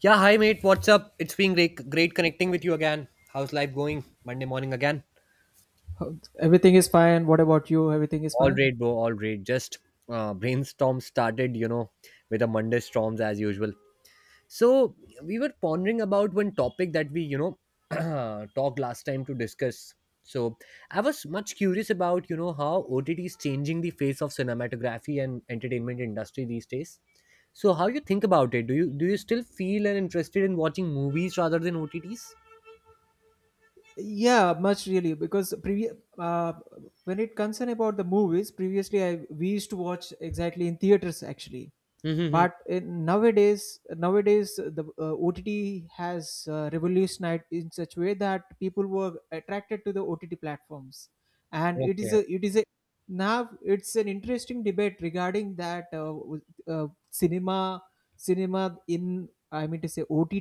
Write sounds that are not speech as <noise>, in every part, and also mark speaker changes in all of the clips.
Speaker 1: Yeah, hi mate. What's up? It's been great connecting with you again. How's life going? Monday morning again.
Speaker 2: Everything is fine. What about you? Everything is
Speaker 1: All
Speaker 2: fine?
Speaker 1: great, bro. All great. Just brainstorm started, you know, with a Monday storms as usual. So we were pondering about one topic that we, you know, <clears throat> talked last time to discuss. So I was much curious about, you know, how OTT is changing the face of cinematography and entertainment industry these days. So how you think about it? Do you still feel and interested in watching movies rather than OTTs?
Speaker 2: Yeah, much really because when it concern about the movies previously we used to watch exactly in theaters actually but
Speaker 1: <laughs>
Speaker 2: nowadays the ott has revolutionized in such way that people were attracted to the ott platforms and
Speaker 1: Okay.
Speaker 2: it is a now it's an interesting debate regarding that cinema in, I mean to say, ott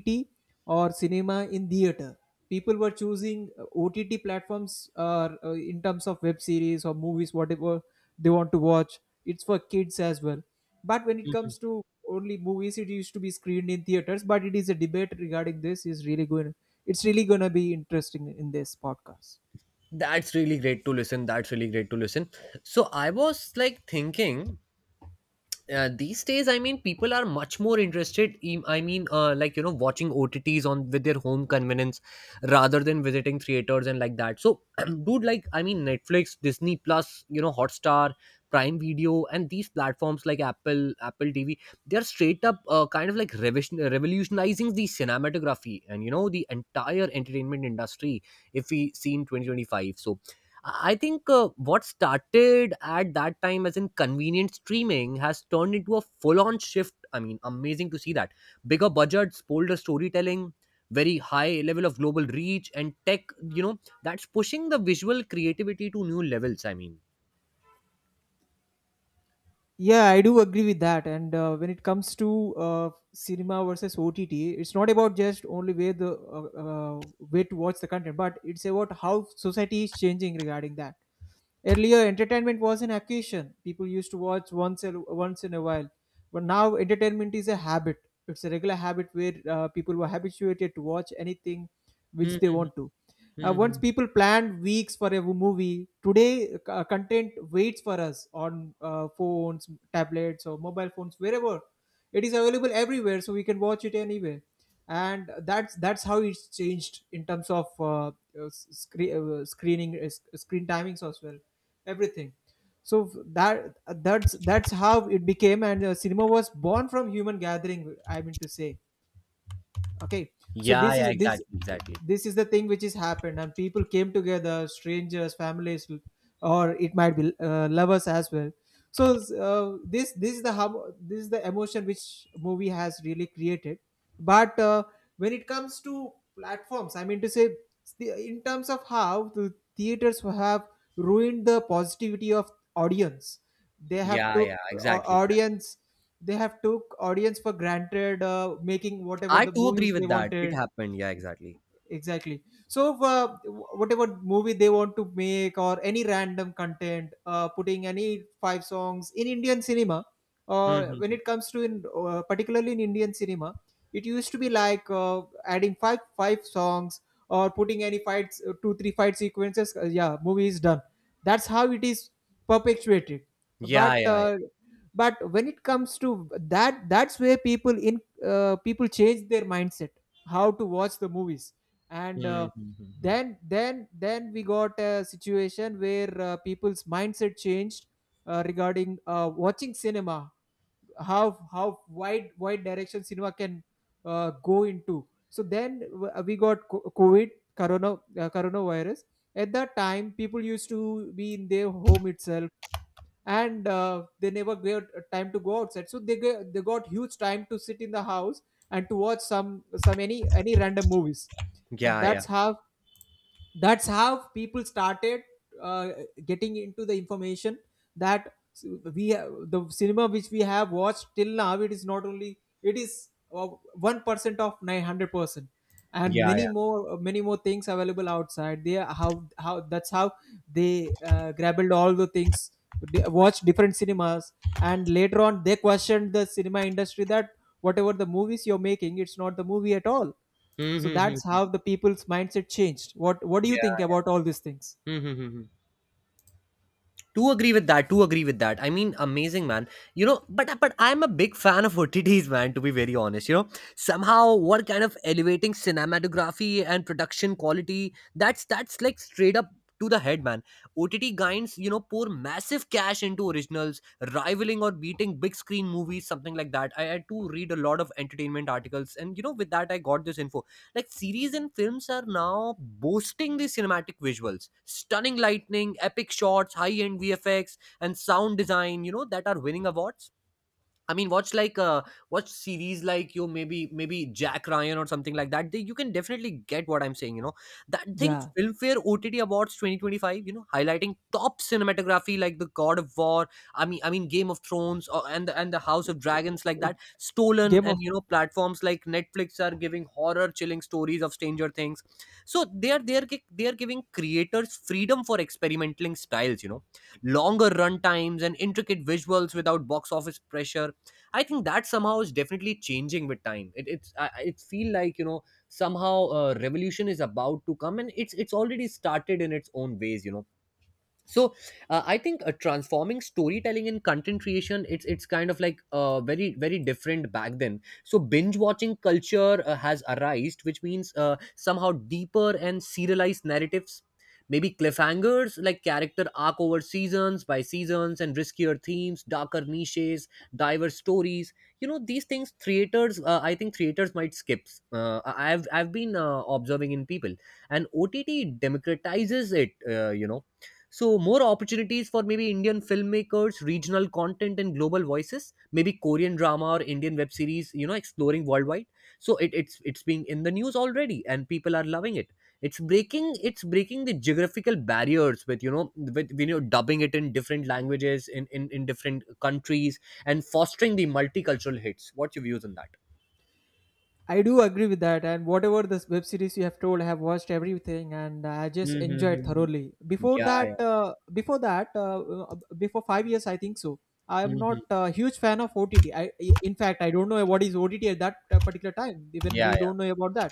Speaker 2: or cinema in theater. People were choosing OTT platforms, in terms of web series or movies, whatever they want to watch. It's for kids as well. But when it
Speaker 1: Mhm.
Speaker 2: comes to only movies, it used to be screened in theaters. But it is a debate regarding this. Is really going. It's really going to be interesting in this podcast.
Speaker 1: That's really great to listen. That's really great to listen. So I was like thinking these days, I mean, people are much more interested in, I mean like you know watching otts on with their home convenience rather than visiting theaters and like that. So <clears throat> dude, like I mean, Netflix, Disney Plus, you know, Hotstar, Prime Video, and these platforms like Apple TV, they're straight up kind of like revolutionizing the cinematography and you know the entire entertainment industry if we see in 2025. So I think what started at that time as in convenient streaming has turned into a full on shift. I mean, amazing to see that. Bigger budgets, bolder storytelling, very high level of global reach, and tech, you know, that's pushing the visual creativity to new levels. I mean,
Speaker 2: Yeah, I do agree with that. And when it comes to cinema versus OTT, it's not about just only way the way to watch the content, but it's about how society is changing regarding that. Earlier, entertainment was an occasion people used to watch once in a while, but now entertainment is a habit. It's a regular habit where people were habituated to watch anything which they
Speaker 1: hmm.
Speaker 2: want to. Once people planned weeks for a movie, today content waits for us on phones, tablets, or mobile phones, wherever. It is available everywhere, so we can watch it anywhere. And that's how it's changed in terms of screen screening, screen timings as well, everything. So that that's how it became, and cinema was born from human gathering. I mean to say, okay, so
Speaker 1: Yeah,
Speaker 2: this
Speaker 1: yeah,
Speaker 2: is this
Speaker 1: exactly, exactly.
Speaker 2: this is the thing which has happened, and people came together, strangers, families, or it might be lovers as well. So this is the this is the emotion which movie has really created. But when it comes to platforms, I mean to say, in terms of how the theaters have ruined the positivity of audience, they have
Speaker 1: Yeah, yeah, exactly, exactly.
Speaker 2: audience, they have took audience for granted, making whatever
Speaker 1: I
Speaker 2: the
Speaker 1: too agree
Speaker 2: movies they
Speaker 1: with that. It
Speaker 2: wanted.
Speaker 1: happened. Yeah, exactly.
Speaker 2: Exactly, so whatever movie they want to make, or any random content, putting any five songs in indian cinema, or when
Speaker 1: Mm-hmm.
Speaker 2: it comes to in particularly in indian cinema, it used to be like adding five songs, or putting any fights, 2 3 fight sequences, yeah, movie is done. That's how it is perpetuated.
Speaker 1: Yeah,
Speaker 2: but
Speaker 1: yeah, yeah.
Speaker 2: uh, but when it comes to that, that's where people change their mindset, how to watch the movies. And
Speaker 1: Mm-hmm.
Speaker 2: then we got a situation where people's mindset changed regarding watching cinema, how wide direction cinema can go into. So then we got covid, corona, coronavirus. At that time people used to be in their home itself, and they never got time to go outside, so they got huge time to sit in the house and to watch some any random movies. And
Speaker 1: Yeah, yeah,
Speaker 2: that's how people started uh, getting into the information that we have, the cinema which we have watched till now, it is not only, it is 1% of 900%, and
Speaker 1: yeah, yeah.
Speaker 2: many more things available outside. They are how that's how they grabbled all the things. They watched different cinemas, and later on they questioned the cinema industry that whatever the movies you're making, it's not the movie at all. So
Speaker 1: Mm-hmm.
Speaker 2: that's how the people's mindset changed. What do you think
Speaker 1: Yeah.
Speaker 2: about all these things?
Speaker 1: Hmm. To agree with that, I mean amazing, man. You know, but I'm a big fan of otts, man, to be very honest. You know, somehow what kind of elevating cinematography and production quality, that's like straight up to the head, man. OTT guides, you know, pour massive cash into originals, rivaling or beating big screen movies, something like that. I had to read a lot of entertainment articles, and you know, with that I got this info, like series and films are now boasting the cinematic visuals, stunning lightning, epic shots, high-end VFX, and sound design, you know, that are winning awards. I mean, watch like watch series like you maybe Jack Ryan or something like that. They, you can definitely get what I'm saying. You know, that thing
Speaker 2: Yeah,
Speaker 1: Filmfare OTT Awards 2025, you know, highlighting top cinematography like the God of War. I mean, Game of Thrones, or and the House of
Speaker 2: it's,
Speaker 1: Dragons, like
Speaker 2: uh,
Speaker 1: that. Stolen,
Speaker 2: game
Speaker 1: and
Speaker 2: of
Speaker 1: you know, platforms like Netflix are giving horror chilling stories of Stranger Things. So they are giving creators freedom for experimenting styles, you know, longer run times and intricate visuals without box office pressure. I think that somehow is definitely changing with time. It it's I- it feel like, you know, somehow revolution is about to come, and it's already started in its own ways. You know, so I think transforming storytelling in content creation, it's kind of like very different back then. So binge watching culture has arisen, which means somehow deeper and serialized narratives, maybe cliffhangers like character arc over seasons by seasons, and riskier themes, darker niches, diverse stories, you know, these things creators I think creators might skip. I've been observing in people, and ott democratizes it you know. So, more opportunities for maybe Indian filmmakers, regional content, and global voices. Maybe Korean drama or Indian web series, you know, exploring worldwide. So it, it's being in the news already, and people are loving it. It's breaking the geographical barriers with, you know, dubbing it in different languages in in different countries, and fostering the multicultural hits. What's your views on that?
Speaker 2: I do agree with that, and whatever the web series you have told, I have watched everything, and I just enjoyed
Speaker 1: Mm-hmm.
Speaker 2: thoroughly.
Speaker 1: Yeah, yeah.
Speaker 2: Before 5 years, I think so. I am not
Speaker 1: Hmm.
Speaker 2: a huge fan of OTT. In fact, I don't know what is OTT at that particular time. Even
Speaker 1: Yeah,
Speaker 2: we
Speaker 1: yeah.
Speaker 2: don't know about that.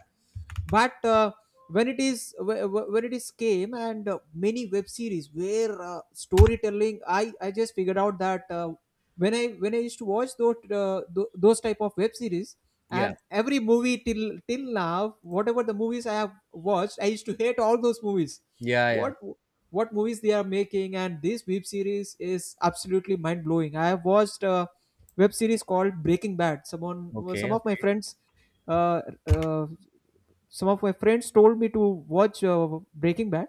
Speaker 2: But when it is when it is came, and many web series where storytelling, I just figured out that when I used to watch those those type of web series,
Speaker 1: Yeah,
Speaker 2: and every movie till now, whatever the movies I have watched, I used to hate all those movies.
Speaker 1: yeah, yeah.
Speaker 2: what what movies they are making, and this web series is absolutely mind blowing. I have watched a web series called breaking bad. Someone,
Speaker 1: Okay.
Speaker 2: some of my
Speaker 1: Okay.
Speaker 2: friends, uh, uh, some of my friends told me to watch breaking bad.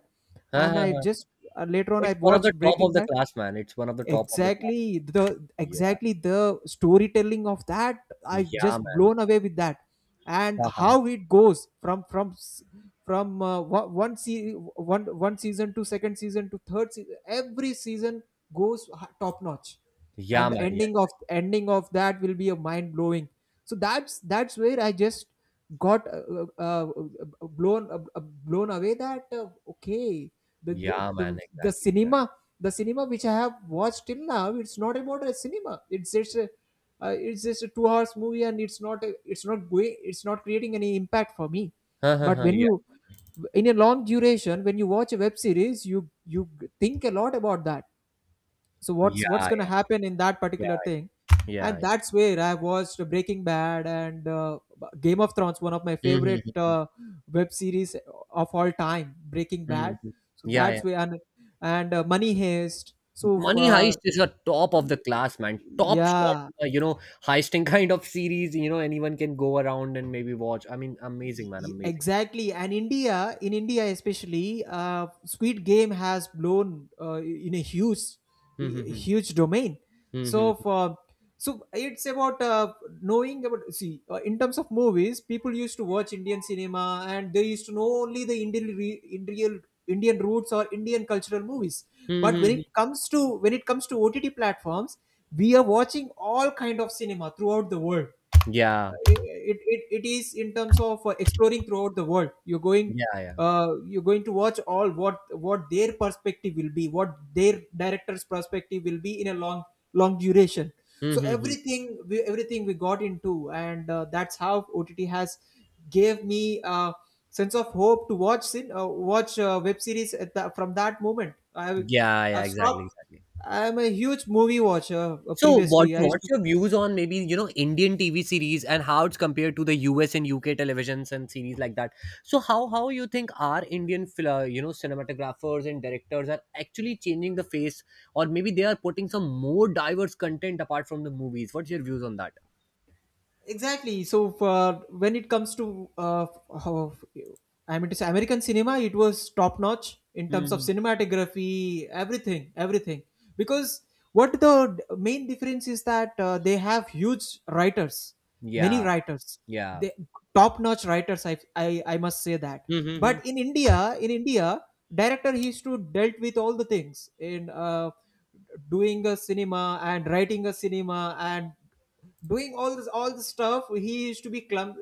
Speaker 1: Ha, ha,
Speaker 2: And I
Speaker 1: ha.
Speaker 2: just later on I
Speaker 1: It's one of the
Speaker 2: watched
Speaker 1: top of
Speaker 2: breaking
Speaker 1: the
Speaker 2: bad.
Speaker 1: class, man. It's one of the top of the class. Yeah.
Speaker 2: Exactly the storytelling of that, I
Speaker 1: Yeah,
Speaker 2: just
Speaker 1: man.
Speaker 2: blown
Speaker 1: <laughs>
Speaker 2: away with that. And
Speaker 1: Ha, ha, ha.
Speaker 2: how it goes from one one se- one one season to second season to third season, every season goes top notch.
Speaker 1: Yeah,
Speaker 2: And the
Speaker 1: man. Yeah.
Speaker 2: ending of that will be a mind blowing. So that's where I just got blown away that, okay,
Speaker 1: Yeah, man.
Speaker 2: the
Speaker 1: Exactly. Exactly.
Speaker 2: cinema, the cinema which I have watched till now, it's not about a cinema. It's just a 2 hours movie, and it's not a, it's not going, it's not creating any impact for me.
Speaker 1: <laughs> Ha, ha,
Speaker 2: But
Speaker 1: ha.
Speaker 2: when
Speaker 1: Yeah.
Speaker 2: you, in a long duration, when you watch a web series, you think a lot about that. So what's going to
Speaker 1: Yeah.
Speaker 2: happen in that
Speaker 1: Yeah.
Speaker 2: particular thing.
Speaker 1: Yeah.
Speaker 2: And
Speaker 1: Yeah.
Speaker 2: that's where I watched breaking bad, and game of thrones, one of my favorite
Speaker 1: Mhm.
Speaker 2: web series of all time, breaking
Speaker 1: Mhm.
Speaker 2: bad. So
Speaker 1: Yeah, yeah.
Speaker 2: that's where, and money heist. So
Speaker 1: Money Heist is a top of the class, man. Top shot,
Speaker 2: yeah.
Speaker 1: you know, heisting <laughs> kind of series. You know, anyone can go around and maybe watch. I mean, amazing, man. Amazing.
Speaker 2: Exactly, and india especially, uh, squid game has blown uh, in a
Speaker 1: Mm-hmm.
Speaker 2: huge domain. so
Speaker 1: Mm-hmm.
Speaker 2: for so it's about knowing about, see, in terms of movies, people used to watch indian cinema, and they used to know only the indian, indian roots or indian cultural movies. But
Speaker 1: Mm-hmm.
Speaker 2: when it comes to ott platforms, we are watching all kind of cinema throughout the world.
Speaker 1: Yeah.
Speaker 2: It is in terms of exploring throughout the world. You're going,
Speaker 1: Yeah. Yeah.
Speaker 2: you're going to watch all what their perspective will be, what their director's perspective will be in a long duration. So
Speaker 1: Mm-hmm.
Speaker 2: everything we got into. And that's how ott has gave me a sense of hope to watch sin watch web series. At the, from that moment I,
Speaker 1: Yeah. Yeah.
Speaker 2: I've
Speaker 1: Exactly.
Speaker 2: stopped.
Speaker 1: Exactly.
Speaker 2: I'm a huge movie watcher.
Speaker 1: So what
Speaker 2: Previously I used
Speaker 1: what's
Speaker 2: to
Speaker 1: your views on maybe, you know, Indian TV series, and how it's compared to the US and UK televisions and series like that? So how you think our Indian you know, cinematographers and directors are actually changing the face, or maybe they are putting some more diverse content apart from the movies? What's your views on that?
Speaker 2: exactly. So for when it comes to how, I mean to say, american cinema, it was top notch in terms of
Speaker 1: Hmm.
Speaker 2: cinematography, everything. Because what the main difference is that they have huge writers, many
Speaker 1: Yeah,
Speaker 2: writers.
Speaker 1: yeah.
Speaker 2: They top notch writers. I must say that.
Speaker 1: Mm-hmm.
Speaker 2: But in india, director he used to dealt with all the things in doing a cinema and writing a cinema and doing all this stuff. He used to be clump,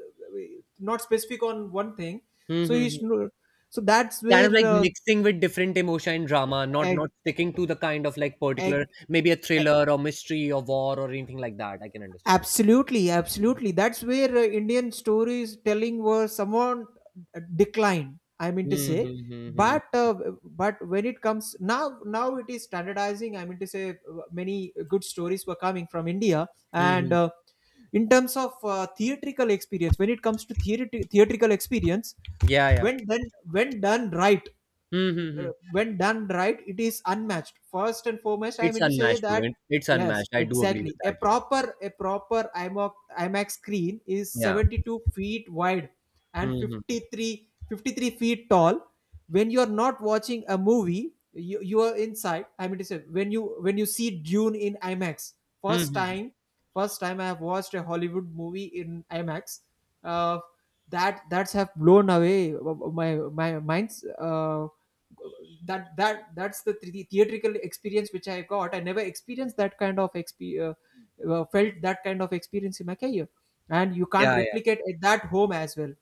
Speaker 2: not specific on one thing. So
Speaker 1: Mm-hmm.
Speaker 2: he's no- so that's
Speaker 1: Kind
Speaker 2: where
Speaker 1: of like mixing with different emotion and drama, not
Speaker 2: ag,
Speaker 1: not sticking to the kind of like
Speaker 2: ag,
Speaker 1: particular maybe a thriller or mystery or war or anything like that. I can understand.
Speaker 2: absolutely,
Speaker 1: Yeah.
Speaker 2: absolutely. That's where Indian storytelling was somewhat declined, I mean to
Speaker 1: Hmm,
Speaker 2: say.
Speaker 1: hmm, hmm, hmm.
Speaker 2: But but when it comes now, now it is standardizing, I mean to say. Uh, many good stories were coming from India,
Speaker 1: Hmm,
Speaker 2: and
Speaker 1: hmm.
Speaker 2: in terms of theatrical experience, when it comes to theatrical experience,
Speaker 1: Yeah, yeah.
Speaker 2: when done right,
Speaker 1: Hmm, hmm,
Speaker 2: uh,
Speaker 1: hmm.
Speaker 2: when done right, it is unmatched. First and foremost, I
Speaker 1: It's
Speaker 2: mean to say
Speaker 1: unmatched, bro.
Speaker 2: that.
Speaker 1: It- It's
Speaker 2: Yes,
Speaker 1: unmatched. I do agree with
Speaker 2: exactly. A
Speaker 1: that. Yeah.
Speaker 2: proper a proper IMAX screen is
Speaker 1: Yeah.
Speaker 2: 72 feet wide
Speaker 1: Hmm,
Speaker 2: and
Speaker 1: hmm.
Speaker 2: 53 feet tall. When you are not watching a movie, you are inside. I mean to say, when you see Dune in IMAX
Speaker 1: Hmm,
Speaker 2: first
Speaker 1: hmm, hmm.
Speaker 2: time, first time, I have watched a Hollywood movie in IMAX. Uh, that's have blown away, my mind's that that that's the theatrical experience which I got. I never experienced that kind of felt that kind of experience in my career, and you can't
Speaker 1: Yeah, yeah.
Speaker 2: replicate it at home as well.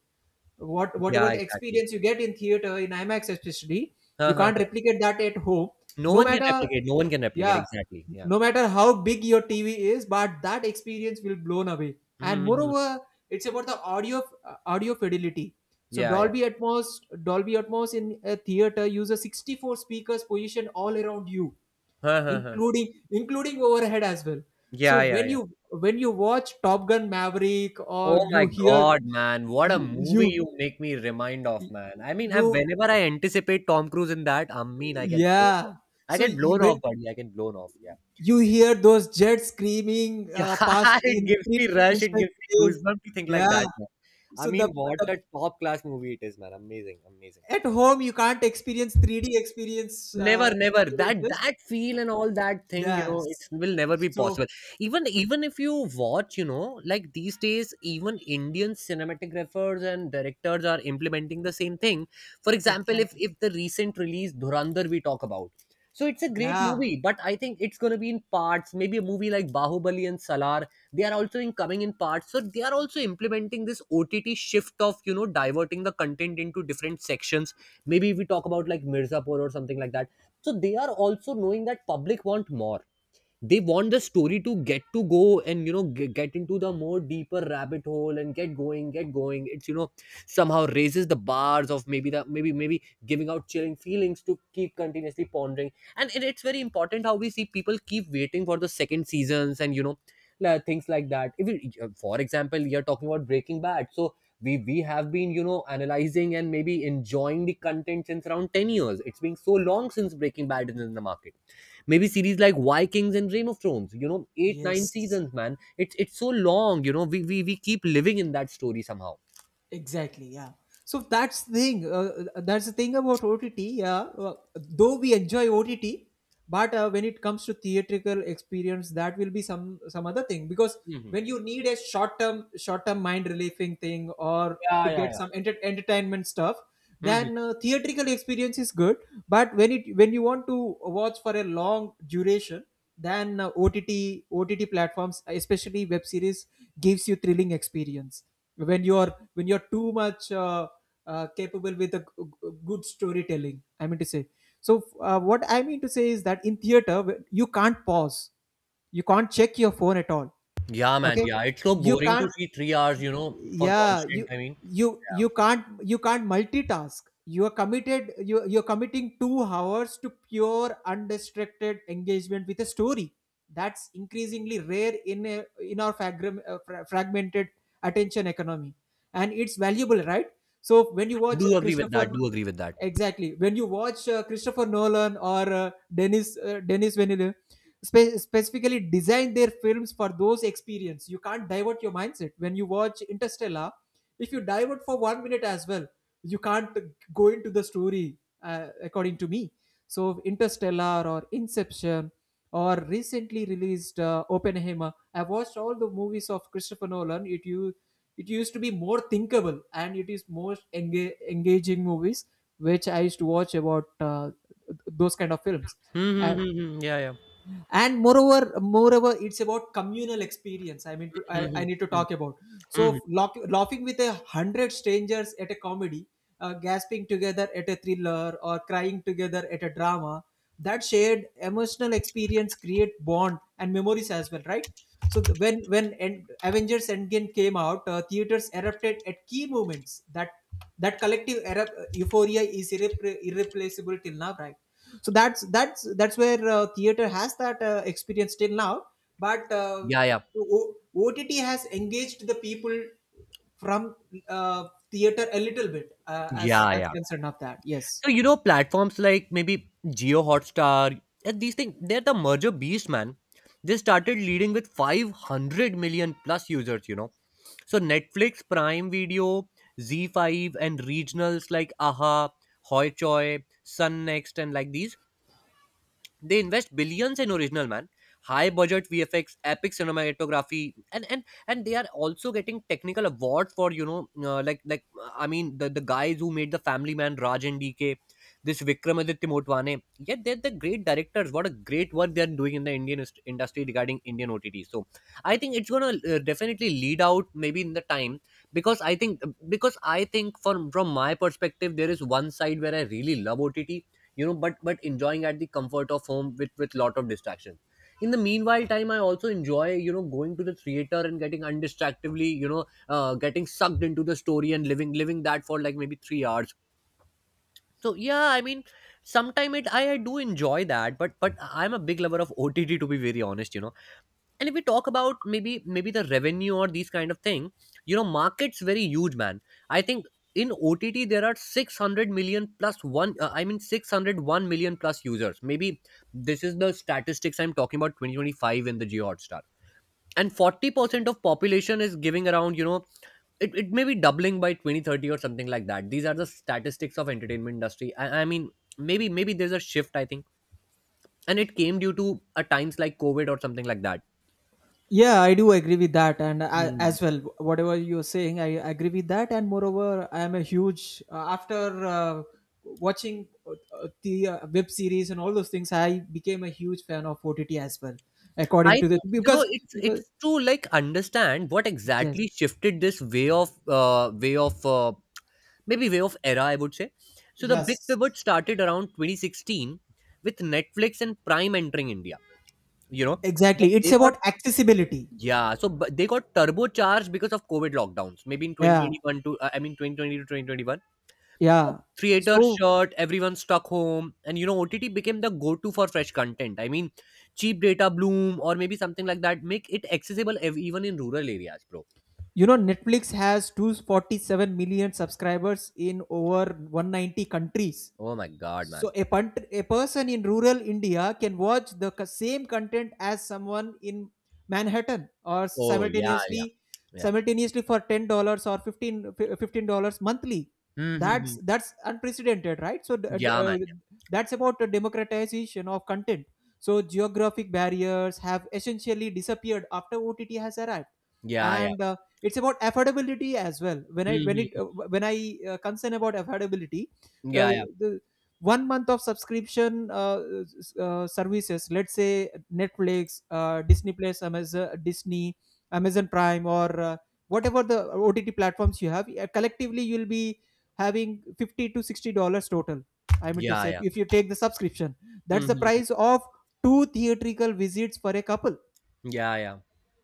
Speaker 2: Whatever
Speaker 1: Yeah,
Speaker 2: the
Speaker 1: exactly.
Speaker 2: experience you get in theater, in IMAX especially,
Speaker 1: Huh,
Speaker 2: you
Speaker 1: huh,
Speaker 2: can't
Speaker 1: huh.
Speaker 2: replicate that at home,
Speaker 1: No
Speaker 2: no
Speaker 1: one can
Speaker 2: matter,
Speaker 1: replicate. No one can replicate.
Speaker 2: yeah,
Speaker 1: Exactly. Yeah.
Speaker 2: no matter how big your TV is, but that experience will blown away. And
Speaker 1: Hmm, hmm.
Speaker 2: moreover, it's about the audio audio fidelity. So
Speaker 1: Yeah, yeah.
Speaker 2: Dolby Atmos in a theater uses 64 speakers positioned all around you,
Speaker 1: Huh, huh, huh.
Speaker 2: including overhead as well. So
Speaker 1: Yeah, yeah,
Speaker 2: when
Speaker 1: yeah.
Speaker 2: you when you watch Top Gun Maverick, or
Speaker 1: Oh my
Speaker 2: you hear,
Speaker 1: God, man. What a movie
Speaker 2: you,
Speaker 1: you make me remind of,
Speaker 2: you,
Speaker 1: man. I mean, I,
Speaker 2: you,
Speaker 1: whenever I anticipate Tom Cruise in that, I mean, I get blown off.
Speaker 2: yeah,
Speaker 1: I
Speaker 2: so
Speaker 1: get
Speaker 2: you,
Speaker 1: blown
Speaker 2: when
Speaker 1: off, buddy. I get blown off. Yeah.
Speaker 2: you hear those jets screaming
Speaker 1: Yeah,
Speaker 2: past
Speaker 1: <laughs> it
Speaker 2: in
Speaker 1: gives me rush. It
Speaker 2: three-dimensional
Speaker 1: gives me
Speaker 2: space,
Speaker 1: goosebumps to think like
Speaker 2: yeah,
Speaker 1: that, man. I
Speaker 2: so
Speaker 1: mean, what
Speaker 2: the
Speaker 1: a top class movie it is, man! Amazing, amazing.
Speaker 2: at home you can't experience 3D
Speaker 1: never never that
Speaker 2: experiences,
Speaker 1: that feel and all that thing, you know, it
Speaker 2: yes,
Speaker 1: will never be
Speaker 2: so,
Speaker 1: possible. Even, even if you watch, you know, like these days even Indian cinematographers and directors are implementing the same thing. For example, if
Speaker 2: exactly,
Speaker 1: if the recent release Dhurandhar we talk about, so it's a great
Speaker 2: yeah,
Speaker 1: movie, but I think it's going to be in parts. Maybe a movie like Bahubali and Salar, they are also in coming in parts, so they are also implementing this ott shift of, you know, diverting the content into different sections. Maybe we talk about like Mirzapur or something like that, so they are also knowing that public want more. They want the story to get to go and, you know, get into the more deeper rabbit hole and get going. It's, you know, somehow raises the bars of maybe the maybe giving out chilling feelings to keep continuously pondering. And it, it's very important how we see people keep waiting for the second seasons, and you know things like that. If you, for example, you're talking about breaking bad, so we have been, you know, analyzing and maybe enjoying the content since around 10 years. It's been so long since breaking bad is in the market. Maybe series like Vikings and Game of Thrones. You know, 8 9
Speaker 2: yes.
Speaker 1: seasons, man. It's so long. You know, we we keep living in that story somehow.
Speaker 2: Exactly, yeah. So that's the thing. That's the thing about OTT. Yeah, though we enjoy OTT, but when it comes to theatrical experience, that will be some other thing. Because
Speaker 1: Hmm.
Speaker 2: when you need a short term mind relieving thing, or
Speaker 1: Yeah,
Speaker 2: to
Speaker 1: yeah,
Speaker 2: get
Speaker 1: yeah.
Speaker 2: some entertainment stuff,
Speaker 1: Hmm.
Speaker 2: then theatrical experience is good. But when it, when you want to watch for a long duration, then OTT platforms, especially web series, gives you thrilling experience when you're too much capable with a good storytelling, I mean to say. So what I mean to say is that in theater you can't pause, you can't check your phone at all.
Speaker 1: Yeah, man.
Speaker 2: Okay,
Speaker 1: Yeah, it's so
Speaker 2: you
Speaker 1: boring to
Speaker 2: can't,
Speaker 1: see 3 hours. You know, for
Speaker 2: yeah,
Speaker 1: constant.
Speaker 2: you
Speaker 1: I mean,
Speaker 2: you
Speaker 1: yeah.
Speaker 2: you can't, you can't multitask. You are committed. You're committing 2 hours to pure undistracted engagement with a story. That's increasingly rare in a, in our fragmented attention economy, and it's valuable, right? So when you watch
Speaker 1: Do agree with that.
Speaker 2: christopher
Speaker 1: Do agree with that.
Speaker 2: exactly, when you watch Christopher Nolan or Dennis Villeneuve specifically design their films for those experience, you can't divert your mindset. When you watch Interstellar, if you divert for 1 minute as well, you can't go into the story, according to me. So Interstellar or Inception or recently released Oppenheimer, I've watched all the movies of Christopher Nolan. It used to be more thinkable, and it is more engaging movies, which I used to watch about those kind of films. And
Speaker 1: Mm-hmm, yeah, yeah.
Speaker 2: moreover it's about communal experience. I mean to,
Speaker 1: Hmm.
Speaker 2: I need to talk about.
Speaker 1: Hmm.
Speaker 2: So laughing with 100 strangers at a comedy, gasping together at a thriller, or crying together at a drama, that shared emotional experience create bond and memories as well, right? So Avengers Endgame came out, theaters erupted at key moments. That collective euphoria is irreplaceable till now, right? So that's where theater has that experience till now. But
Speaker 1: Yeah, yeah.
Speaker 2: o- OTT has engaged the people from theater a little bit,
Speaker 1: Yeah,
Speaker 2: as
Speaker 1: yeah.
Speaker 2: concerned of that, yes.
Speaker 1: So you know, platforms like maybe Geo Hotstar and these things, they're the merger beast, man. They started leading with 500 million plus users, you know. So Netflix, Prime Video, Z5, and regionals like Aha, Hoichoi, Sun Next, and like these, they invest billions in original, man. High budget vfx, epic cinematography, and they are also getting technical awards for you know, I mean, the guys who made The Family Man, Raj and DK, this Vikramaditya Motwane. Yet they're the great directors. What a great work they're doing in the Indian industry regarding Indian OTT. So I think it's going to definitely lead out, maybe in the time. Because i think because i think from my perspective, there is one side where I really love OTT, you know, but enjoying at the comfort of home with lot of distractions. In the meanwhile time, I also enjoy, you know, going to the theater and getting undistractively, you know, getting sucked into the story and living that for like maybe 3 hours. So yeah, I mean, sometime it, I do enjoy that, but I'm a big lover of OTT, to be very honest, you know. And if we talk about maybe the revenue or these kind of thing, you know, markets very huge, man. I think in OTT there are 600 million plus one, I mean 601 million plus users, maybe. This is the statistics I'm talking about, 2025, in the Geo Hotstar. And 40% of population is giving around, you know, it may be doubling by 2030 or something like that. These are the statistics of entertainment industry. I mean, maybe there's a shift, I think. And it came due to a times like COVID or something like
Speaker 2: Yeah, I do agree with that, and I,
Speaker 1: that.
Speaker 2: as well, whatever you're saying, I agree with that. And moreover, I am a huge after watching the web series and all those things. I became a huge fan of OTT as well,
Speaker 1: I
Speaker 2: according to the
Speaker 1: think, you know,
Speaker 2: because
Speaker 1: it's
Speaker 2: because
Speaker 1: to, like, understand what
Speaker 2: yes,
Speaker 1: exactly shifted this way of, maybe way of era, I would say. So the big
Speaker 2: yes,
Speaker 1: pivot started around 2016 with Netflix and Prime entering India. You know, but
Speaker 2: exactly. It's
Speaker 1: they got
Speaker 2: about accessibility.
Speaker 1: yeah, so but they got turbocharged because of COVID lockdowns. Maybe in
Speaker 2: Yeah,
Speaker 1: 2021 to, I mean 2020 to 2021. So
Speaker 2: yeah.
Speaker 1: theater
Speaker 2: So
Speaker 1: shut, everyone stuck home, and you know, OTT became the go to for fresh content. I mean, cheap data bloom or maybe something like that. Make it accessible, even in rural areas, bro.
Speaker 2: you know, Netflix has 247 million subscribers in over 190 countries.
Speaker 1: Oh my god,
Speaker 2: So
Speaker 1: man.
Speaker 2: a, punt, a person in rural India can watch the same content as someone in Manhattan or
Speaker 1: Oh, yeah, yeah,
Speaker 2: simultaneously
Speaker 1: yeah.
Speaker 2: simultaneously for $10 or fifteen dollars monthly. That's
Speaker 1: Mm-hmm.
Speaker 2: that's unprecedented, right? So
Speaker 1: Yeah, man.
Speaker 2: that's about the democratization of content. So geographic barriers have essentially disappeared after OTT has arrived.
Speaker 1: Yeah, yeah.
Speaker 2: And it's about affordability as well. When I when it
Speaker 1: Mm-hmm.
Speaker 2: uh, when I concern about affordability,
Speaker 1: Yeah, yeah.
Speaker 2: the 1 month of subscription services, let's say Netflix, disney plus amazon disney Amazon Prime, or whatever the OTT platforms you have, collectively you'll be having 50 to $60 total, I mean to
Speaker 1: Yeah,
Speaker 2: say,
Speaker 1: yeah.
Speaker 2: if you take the subscription. That's the
Speaker 1: Mm-hmm.
Speaker 2: price of two theatrical visits for a couple.
Speaker 1: Yeah, yeah.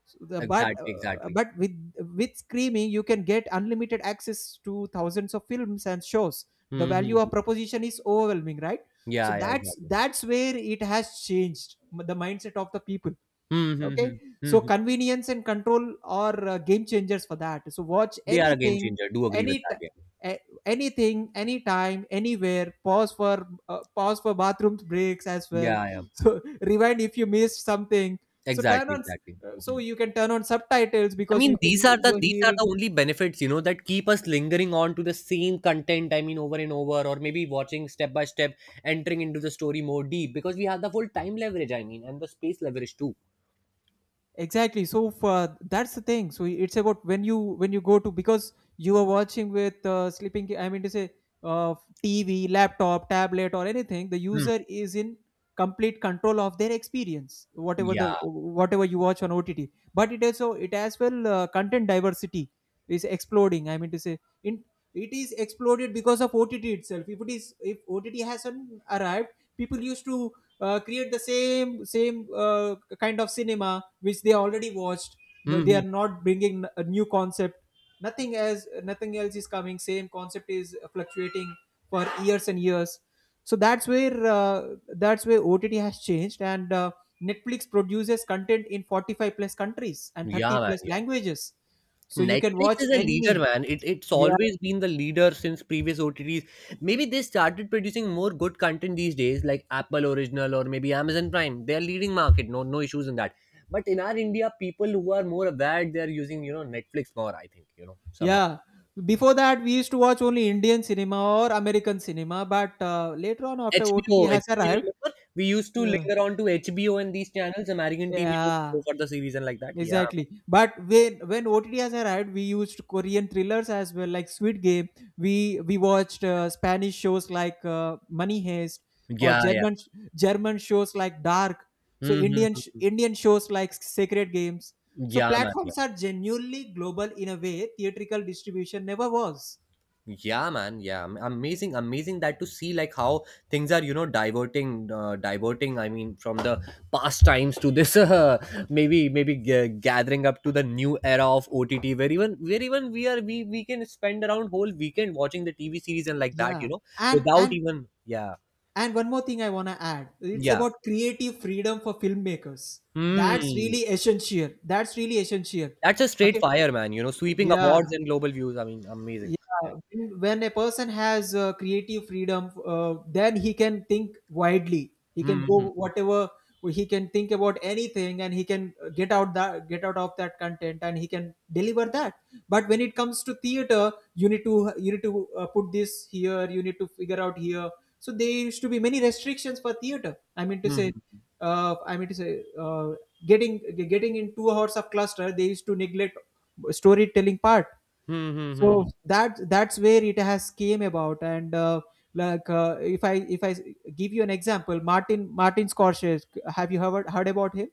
Speaker 2: So the,
Speaker 1: Exactly, exactly.
Speaker 2: but with streaming you can get unlimited access to thousands of films and shows. The value
Speaker 1: Mm-hmm.
Speaker 2: of proposition is overwhelming, right? So
Speaker 1: Yeah, yeah,
Speaker 2: that's
Speaker 1: exactly.
Speaker 2: that's where it has changed the mindset of the people.
Speaker 1: Mm-hmm.
Speaker 2: Okay,
Speaker 1: Mm-hmm.
Speaker 2: so
Speaker 1: Mm-hmm.
Speaker 2: convenience and control are game changers for that. So watch
Speaker 1: They are a game
Speaker 2: anything,
Speaker 1: changer. Do agree with
Speaker 2: any t-
Speaker 1: that. Yeah,
Speaker 2: a- anything, anytime, anywhere. Pause for bathroom <laughs> breaks as well.
Speaker 1: yeah,
Speaker 2: <laughs>
Speaker 1: yeah.
Speaker 2: So rewind if you missed something. So turn
Speaker 1: Exactly,
Speaker 2: on,
Speaker 1: exactly.
Speaker 2: you can turn on subtitles,
Speaker 1: I
Speaker 2: because
Speaker 1: mean,
Speaker 2: you can, you're
Speaker 1: these are
Speaker 2: hearing,
Speaker 1: the only benefits, you know, that keep us lingering on to the same content. I mean, over and over, or maybe watching step by step, entering into the story more deep because we have the full time leverage. I mean, and the space leverage too.
Speaker 2: exactly. So for, that's the thing. So it's about when you, when you go to, because you are watching with sleeping, I mean to say, uh, TV, laptop, tablet, or anything. The
Speaker 1: Hmm.
Speaker 2: user is in complete control of their experience, whatever,
Speaker 1: Yeah.
Speaker 2: the whatever you watch on OTT. But it also, it as well, content diversity is exploding, I mean to say. In it is exploded because of OTT itself. If it is, if OTT hasn't arrived, people used to create the same kind of cinema which they already watched, you know.
Speaker 1: Hmm,
Speaker 2: They
Speaker 1: hmm.
Speaker 2: are not bringing a new concept. Nothing as, nothing else is coming, same concept is fluctuating for years and years. So that's where OTT has changed. And Netflix produces content in 45 plus countries and 30
Speaker 1: Yeah, man.
Speaker 2: plus languages, so you can
Speaker 1: Netflix
Speaker 2: watch
Speaker 1: is a leader,
Speaker 2: any,
Speaker 1: man. It's
Speaker 2: yeah,
Speaker 1: always been the leader since previous OTTs. Maybe they started producing more good content these days, like Apple Original or maybe Amazon Prime. They're leading market. No, no issues in that. But in our India, people who are more aware, they're using you know Netflix more. I think you know somehow
Speaker 2: yeah. Before that, we used to watch only Indian cinema or American cinema. But later on, after OTT
Speaker 1: HBO.
Speaker 2: has
Speaker 1: HBO, you
Speaker 2: arrived,
Speaker 1: remember we used to
Speaker 2: yeah,
Speaker 1: linger on to HBO and these channels, American TV, to
Speaker 2: yeah,
Speaker 1: go for the series and like that. Yeah,
Speaker 2: exactly. But when OTT has arrived, we used Korean thrillers as well, like Sweet Game. We watched Spanish shows like Money Heist,
Speaker 1: man,
Speaker 2: or
Speaker 1: yeah, yeah.
Speaker 2: German, German shows like Dark. So
Speaker 1: Mm-hmm, mm-hmm.
Speaker 2: Indian shows like Sacred Games. So
Speaker 1: Yeah, man, yeah.
Speaker 2: platforms are genuinely global in a way theatrical distribution never was.
Speaker 1: Yeah, man, yeah, amazing, that to see, like, how things are, you know, diverting, I mean, from the past times to this <laughs> maybe gathering up to the new era of OTT, where even we are we can spend around whole weekend watching the TV series and like that, you
Speaker 2: Yeah.
Speaker 1: know,
Speaker 2: And
Speaker 1: without
Speaker 2: and
Speaker 1: even. Yeah,
Speaker 2: and one more thing I wanna add. It's
Speaker 1: yeah.
Speaker 2: about creative freedom for filmmakers. That's
Speaker 1: Hmm.
Speaker 2: really essential. That's really essential.
Speaker 1: That's a straight
Speaker 2: Okay.
Speaker 1: fire, man, you know, sweeping
Speaker 2: Yeah,
Speaker 1: awards and global views, I mean, amazing. Yeah.
Speaker 2: yeah. When a person has creative freedom, then he can think widely. He can
Speaker 1: Hmm, hmm,
Speaker 2: go whatever, he can think about anything, and he can get out of that content, and he can deliver that. But when it comes to theater, you need to, put this here. You need to figure out here. So there used to be many restrictions for theater, I mean to
Speaker 1: hmm,
Speaker 2: say,
Speaker 1: hmm,
Speaker 2: uh, I mean to say, uh, getting, getting in 2 hours of cluster, they used to neglect storytelling part.
Speaker 1: hmm, hmm, hmm.
Speaker 2: So that's where it has came about. And like if I give you an example: martin martin Scorsese, have you heard about him?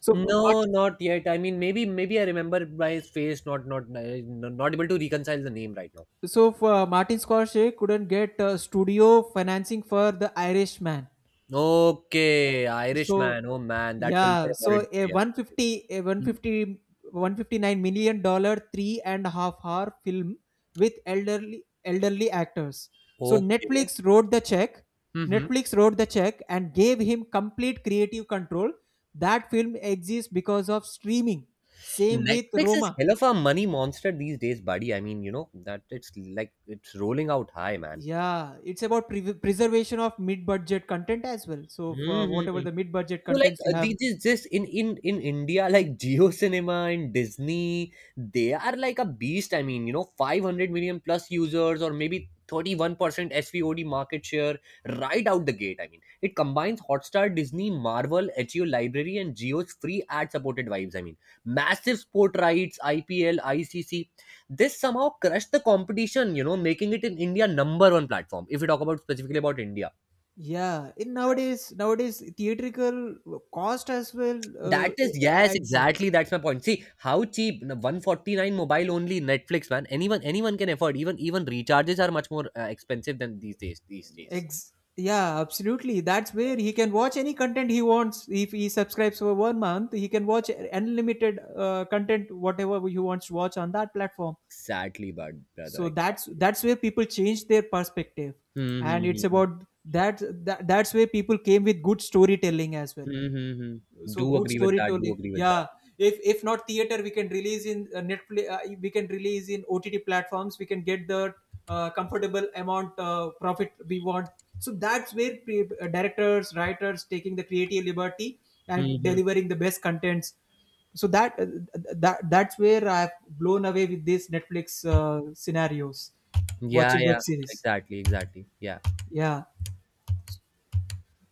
Speaker 2: So
Speaker 1: No,
Speaker 2: Martin,
Speaker 1: not yet. I mean, maybe I remember by his face, not, not able to reconcile the name right now.
Speaker 2: so for Martin Scorsese couldn't get studio financing for the Irishman.
Speaker 1: Okay,
Speaker 2: So
Speaker 1: Irishman. Oh man, that film is
Speaker 2: yeah,
Speaker 1: about.
Speaker 2: so a
Speaker 1: Yeah.
Speaker 2: 150, a one
Speaker 1: Mm.
Speaker 2: fifty, $159 million, 3.5 hour film with elderly actors. So
Speaker 1: Okay.
Speaker 2: Netflix wrote the check.
Speaker 1: Mm-hmm.
Speaker 2: Netflix wrote the check and gave him complete creative control. That film exists because of streaming. Same with
Speaker 1: Netflix is
Speaker 2: Roma.
Speaker 1: hell of a money monster these days, buddy. I mean, you know that it's like it's rolling out high, man.
Speaker 2: Yeah, it's about preservation of mid-budget content as well. So for whatever
Speaker 1: Hmm.
Speaker 2: the mid-budget
Speaker 1: So like,
Speaker 2: contents you have,
Speaker 1: these is just in India, like Geo Cinema and Disney, they are like a beast. I mean, you know, 500 million plus users or maybe 31% SVOD market share right out the gate. I mean, it combines Hotstar, Disney, Marvel, HBO library and Geo's free ad supported vibes. I mean, massive sport rights, IPL, ICC. This somehow crushed the competition, you know, making it in India number one platform, if we talk about specifically about India.
Speaker 2: yeah, in nowadays, nowadays theatrical cost as well.
Speaker 1: That is, yes, exactly. That's my point. See how cheap, 149 mobile only Netflix, man. Anyone can afford. Even recharges are much more, expensive than these days. These days,
Speaker 2: Yeah, absolutely. That's where he can watch any content he wants. If he subscribes for 1 month, he can watch unlimited content, whatever he wants to watch on that platform.
Speaker 1: exactly, brother.
Speaker 2: So that's
Speaker 1: Exactly.
Speaker 2: that's where people change their perspective. And it's
Speaker 1: Mm-hmm.
Speaker 2: about that, that's where people came with good storytelling as well.
Speaker 1: Mm-hmm.
Speaker 2: So
Speaker 1: Do
Speaker 2: good
Speaker 1: agree with that. Do
Speaker 2: storytelling,
Speaker 1: agree with that.
Speaker 2: yeah, if not theater, we can release in Netflix, we can release in OTT platforms, we can get the comfortable amount, profit we want. So that's where directors, writers taking the creative liberty and
Speaker 1: Mm-hmm.
Speaker 2: delivering the best contents. So that that's where I've blown away with these Netflix scenarios
Speaker 1: Yeah,
Speaker 2: watching web
Speaker 1: yeah.
Speaker 2: series,
Speaker 1: Exactly, exactly. Yeah.
Speaker 2: yeah,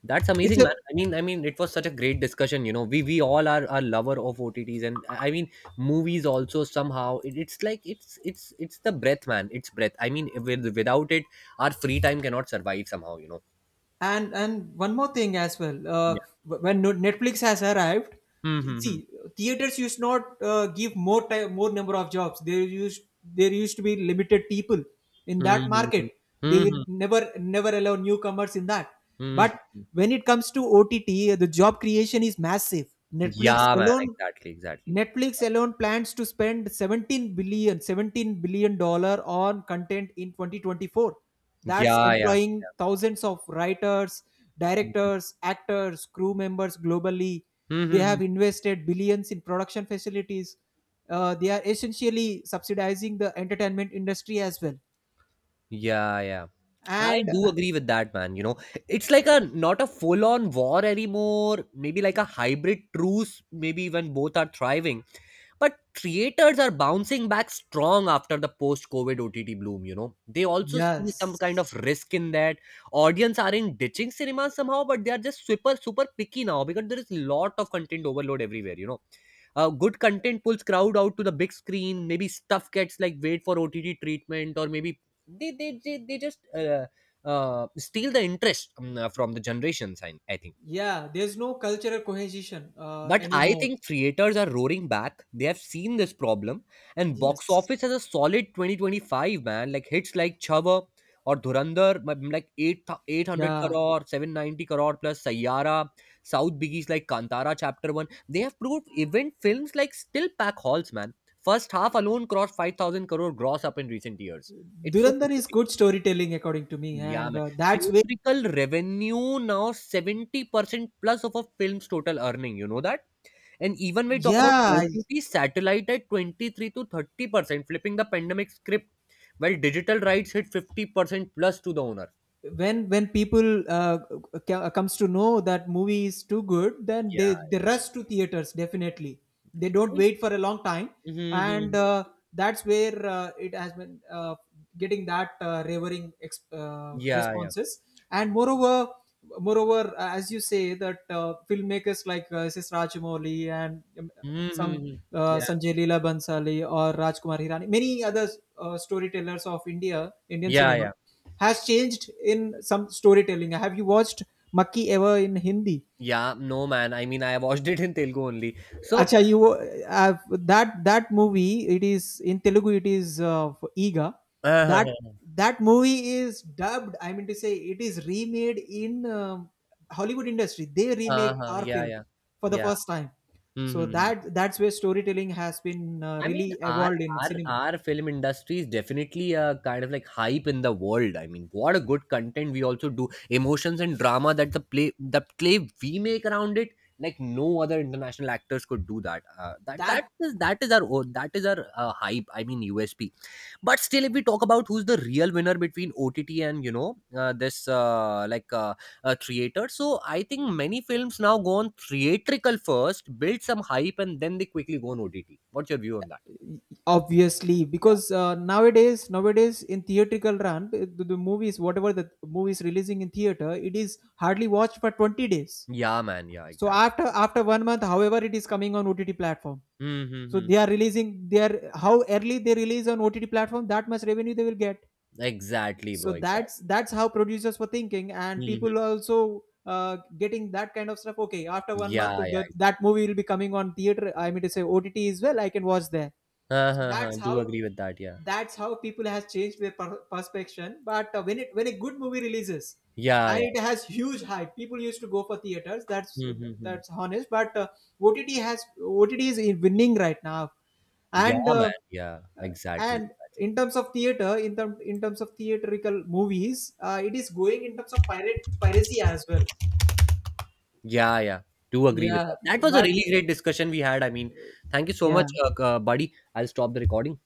Speaker 1: That's
Speaker 2: it's
Speaker 1: amazing,
Speaker 2: a.
Speaker 1: man. I mean, it was such a great discussion. You know, we all are a lover of OTTs, and I mean, movies also somehow. It's like it's the breath, man. It's breath. I mean, without it, our free time cannot survive somehow, you know.
Speaker 2: And one more thing as well,
Speaker 1: Yeah.
Speaker 2: when Netflix has arrived,
Speaker 1: Mm-hmm.
Speaker 2: see, theaters used not give more time, more number of jobs. There used to be limited people in that
Speaker 1: Mm-hmm.
Speaker 2: market. They
Speaker 1: Mm-hmm.
Speaker 2: never allow newcomers in that. But
Speaker 1: Mm-hmm.
Speaker 2: when it comes to OTT, the job creation is massive. Netflix
Speaker 1: Yeah, man.
Speaker 2: alone,
Speaker 1: Exactly. Exactly.
Speaker 2: Netflix alone plans to spend 17 billion, 17 billion dollar on content in 2024. That's
Speaker 1: Yeah. Yeah.
Speaker 2: employing thousands of writers, directors, actors, crew members globally. They
Speaker 1: Mm-hmm.
Speaker 2: have invested billions in production facilities. They are essentially subsidizing the entertainment industry as well.
Speaker 1: Yeah, yeah. I
Speaker 2: And
Speaker 1: do agree with that, man. You know, it's like a not a full on war anymore, maybe like a hybrid truce, maybe when both are thriving. But creators are bouncing back strong after the post COVID OTT bloom, you know. They also see some kind
Speaker 2: yes,
Speaker 1: of risk in that. Audience aren't ditching cinema somehow, but they are just super, super picky now because there is a lot of content overload everywhere, you know. Good content pulls crowd out to the big screen. Maybe stuff gets like wait for OTT treatment, or maybe they just, steal the interest, from the generations, I think.
Speaker 2: yeah, there's no cultural cohesion
Speaker 1: But I
Speaker 2: anymore.
Speaker 1: think creators are roaring back. They have seen this problem, and box
Speaker 2: Yes,
Speaker 1: office has a solid 2025, man. Like hits like Chhava or Dhurandhar, like 8, 800
Speaker 2: yeah.
Speaker 1: crore, 790 crore plus Sayyara, South biggies like Kantara Chapter 1. They have proved event films like still pack halls, man. First half alone crossed 5,000 crore gross up in recent years. It's so good
Speaker 2: Durandar
Speaker 1: to
Speaker 2: is
Speaker 1: see.
Speaker 2: good storytelling according to me,
Speaker 1: Yeah,
Speaker 2: and
Speaker 1: man.
Speaker 2: that's where,
Speaker 1: Theatrical revenue now 70% plus of a film's total earning. You know that? And even we talk about
Speaker 2: yeah, I-,
Speaker 1: OTT satellite at 23 to 30%, flipping the pandemic script, while digital rights hit 50% plus to the owner.
Speaker 2: when people comes to know that movie is too good, then
Speaker 1: Yeah.
Speaker 2: they rush to theaters definitely. They
Speaker 1: I
Speaker 2: don't
Speaker 1: mean,
Speaker 2: wait for a long time. And
Speaker 1: mm-hmm.
Speaker 2: that's where it has been getting that ravering
Speaker 1: Yeah, yeah.
Speaker 2: responses. And moreover, as you say that filmmakers like ss Rajamouli, and some
Speaker 1: Mm-hmm. Yeah.
Speaker 2: Sanjay Leela bansali or Rajkumar Hirani, many other storytellers of India, Indian
Speaker 1: Yeah,
Speaker 2: cinema
Speaker 1: yeah.
Speaker 2: has changed in some storytelling. Have you watched Makki ever in Hindi?
Speaker 1: Yeah, no man. I mean, I watched it in Telugu only. So,
Speaker 2: Acha, you that movie. It is in Telugu. It is Ega.
Speaker 1: <laughs> uh,
Speaker 2: That
Speaker 1: uh,
Speaker 2: that movie is dubbed, I mean to say. It is remade in um, Hollywood industry. They remake our
Speaker 1: yeah,
Speaker 2: film
Speaker 1: yeah.
Speaker 2: for the
Speaker 1: Yeah.
Speaker 2: first time. So
Speaker 1: Hmm.
Speaker 2: that's where storytelling has been
Speaker 1: I mean,
Speaker 2: really evolved in cinema.
Speaker 1: our film industry is definitely a kind of like hype in the world. I mean, what a good content we also do, emotions and drama that the play we make around it, like no other international actors could do that. That
Speaker 2: That
Speaker 1: that is our own That is our hype. I mean, USP. But still, if we talk about who's the real winner between OTT and you know, this, like, theater, so I think many films now go on theatrical first, build some hype, and then they quickly go on OTT. What's your view on that?
Speaker 2: obviously because nowadays in theatrical run the movies, whatever the movie is releasing in theater, it is hardly watched for 20 days.
Speaker 1: Yeah, man. Yeah,
Speaker 2: So
Speaker 1: exactly.
Speaker 2: after 1 month, however, it is coming on OTT platform. So they
Speaker 1: Mm-hmm.
Speaker 2: are releasing their, how early they release on OTT platform, that much revenue they will get.
Speaker 1: Exactly, bro.
Speaker 2: So that's
Speaker 1: Exactly.
Speaker 2: that's how producers were thinking, and
Speaker 1: Mm-hmm.
Speaker 2: people are also getting that kind of stuff. Okay, after 1 month,
Speaker 1: Yeah, yeah.
Speaker 2: that movie will be coming on theater, I mean to say, OTT as well, I can watch there.
Speaker 1: Huh,
Speaker 2: So
Speaker 1: huh, huh.
Speaker 2: that's
Speaker 1: Do
Speaker 2: how
Speaker 1: agree with that. Yeah.
Speaker 2: that's how people has changed their perception. But when it, when a good movie releases
Speaker 1: Yeah,
Speaker 2: and
Speaker 1: yeah.
Speaker 2: it has huge hype, people used to go for theaters. That's
Speaker 1: Mm-hmm.
Speaker 2: that's honest. But OTT is winning right now.
Speaker 1: Yeah,
Speaker 2: And
Speaker 1: man. Yeah, exactly.
Speaker 2: and
Speaker 1: Exactly.
Speaker 2: in terms of theater, in term, in terms of theatrical movies, it is going in terms of pirate piracy as well.
Speaker 1: Yeah, yeah. Do agree with
Speaker 2: Yeah,
Speaker 1: that. That was a
Speaker 2: but
Speaker 1: really great discussion we had. I mean, thank you so much,
Speaker 2: yeah,
Speaker 1: buddy. I'll stop the recording.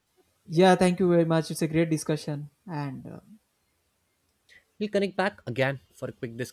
Speaker 1: Yeah.
Speaker 2: yeah. Thank you very much. It's a great discussion and.
Speaker 1: We'll connect back again for a quick discussion.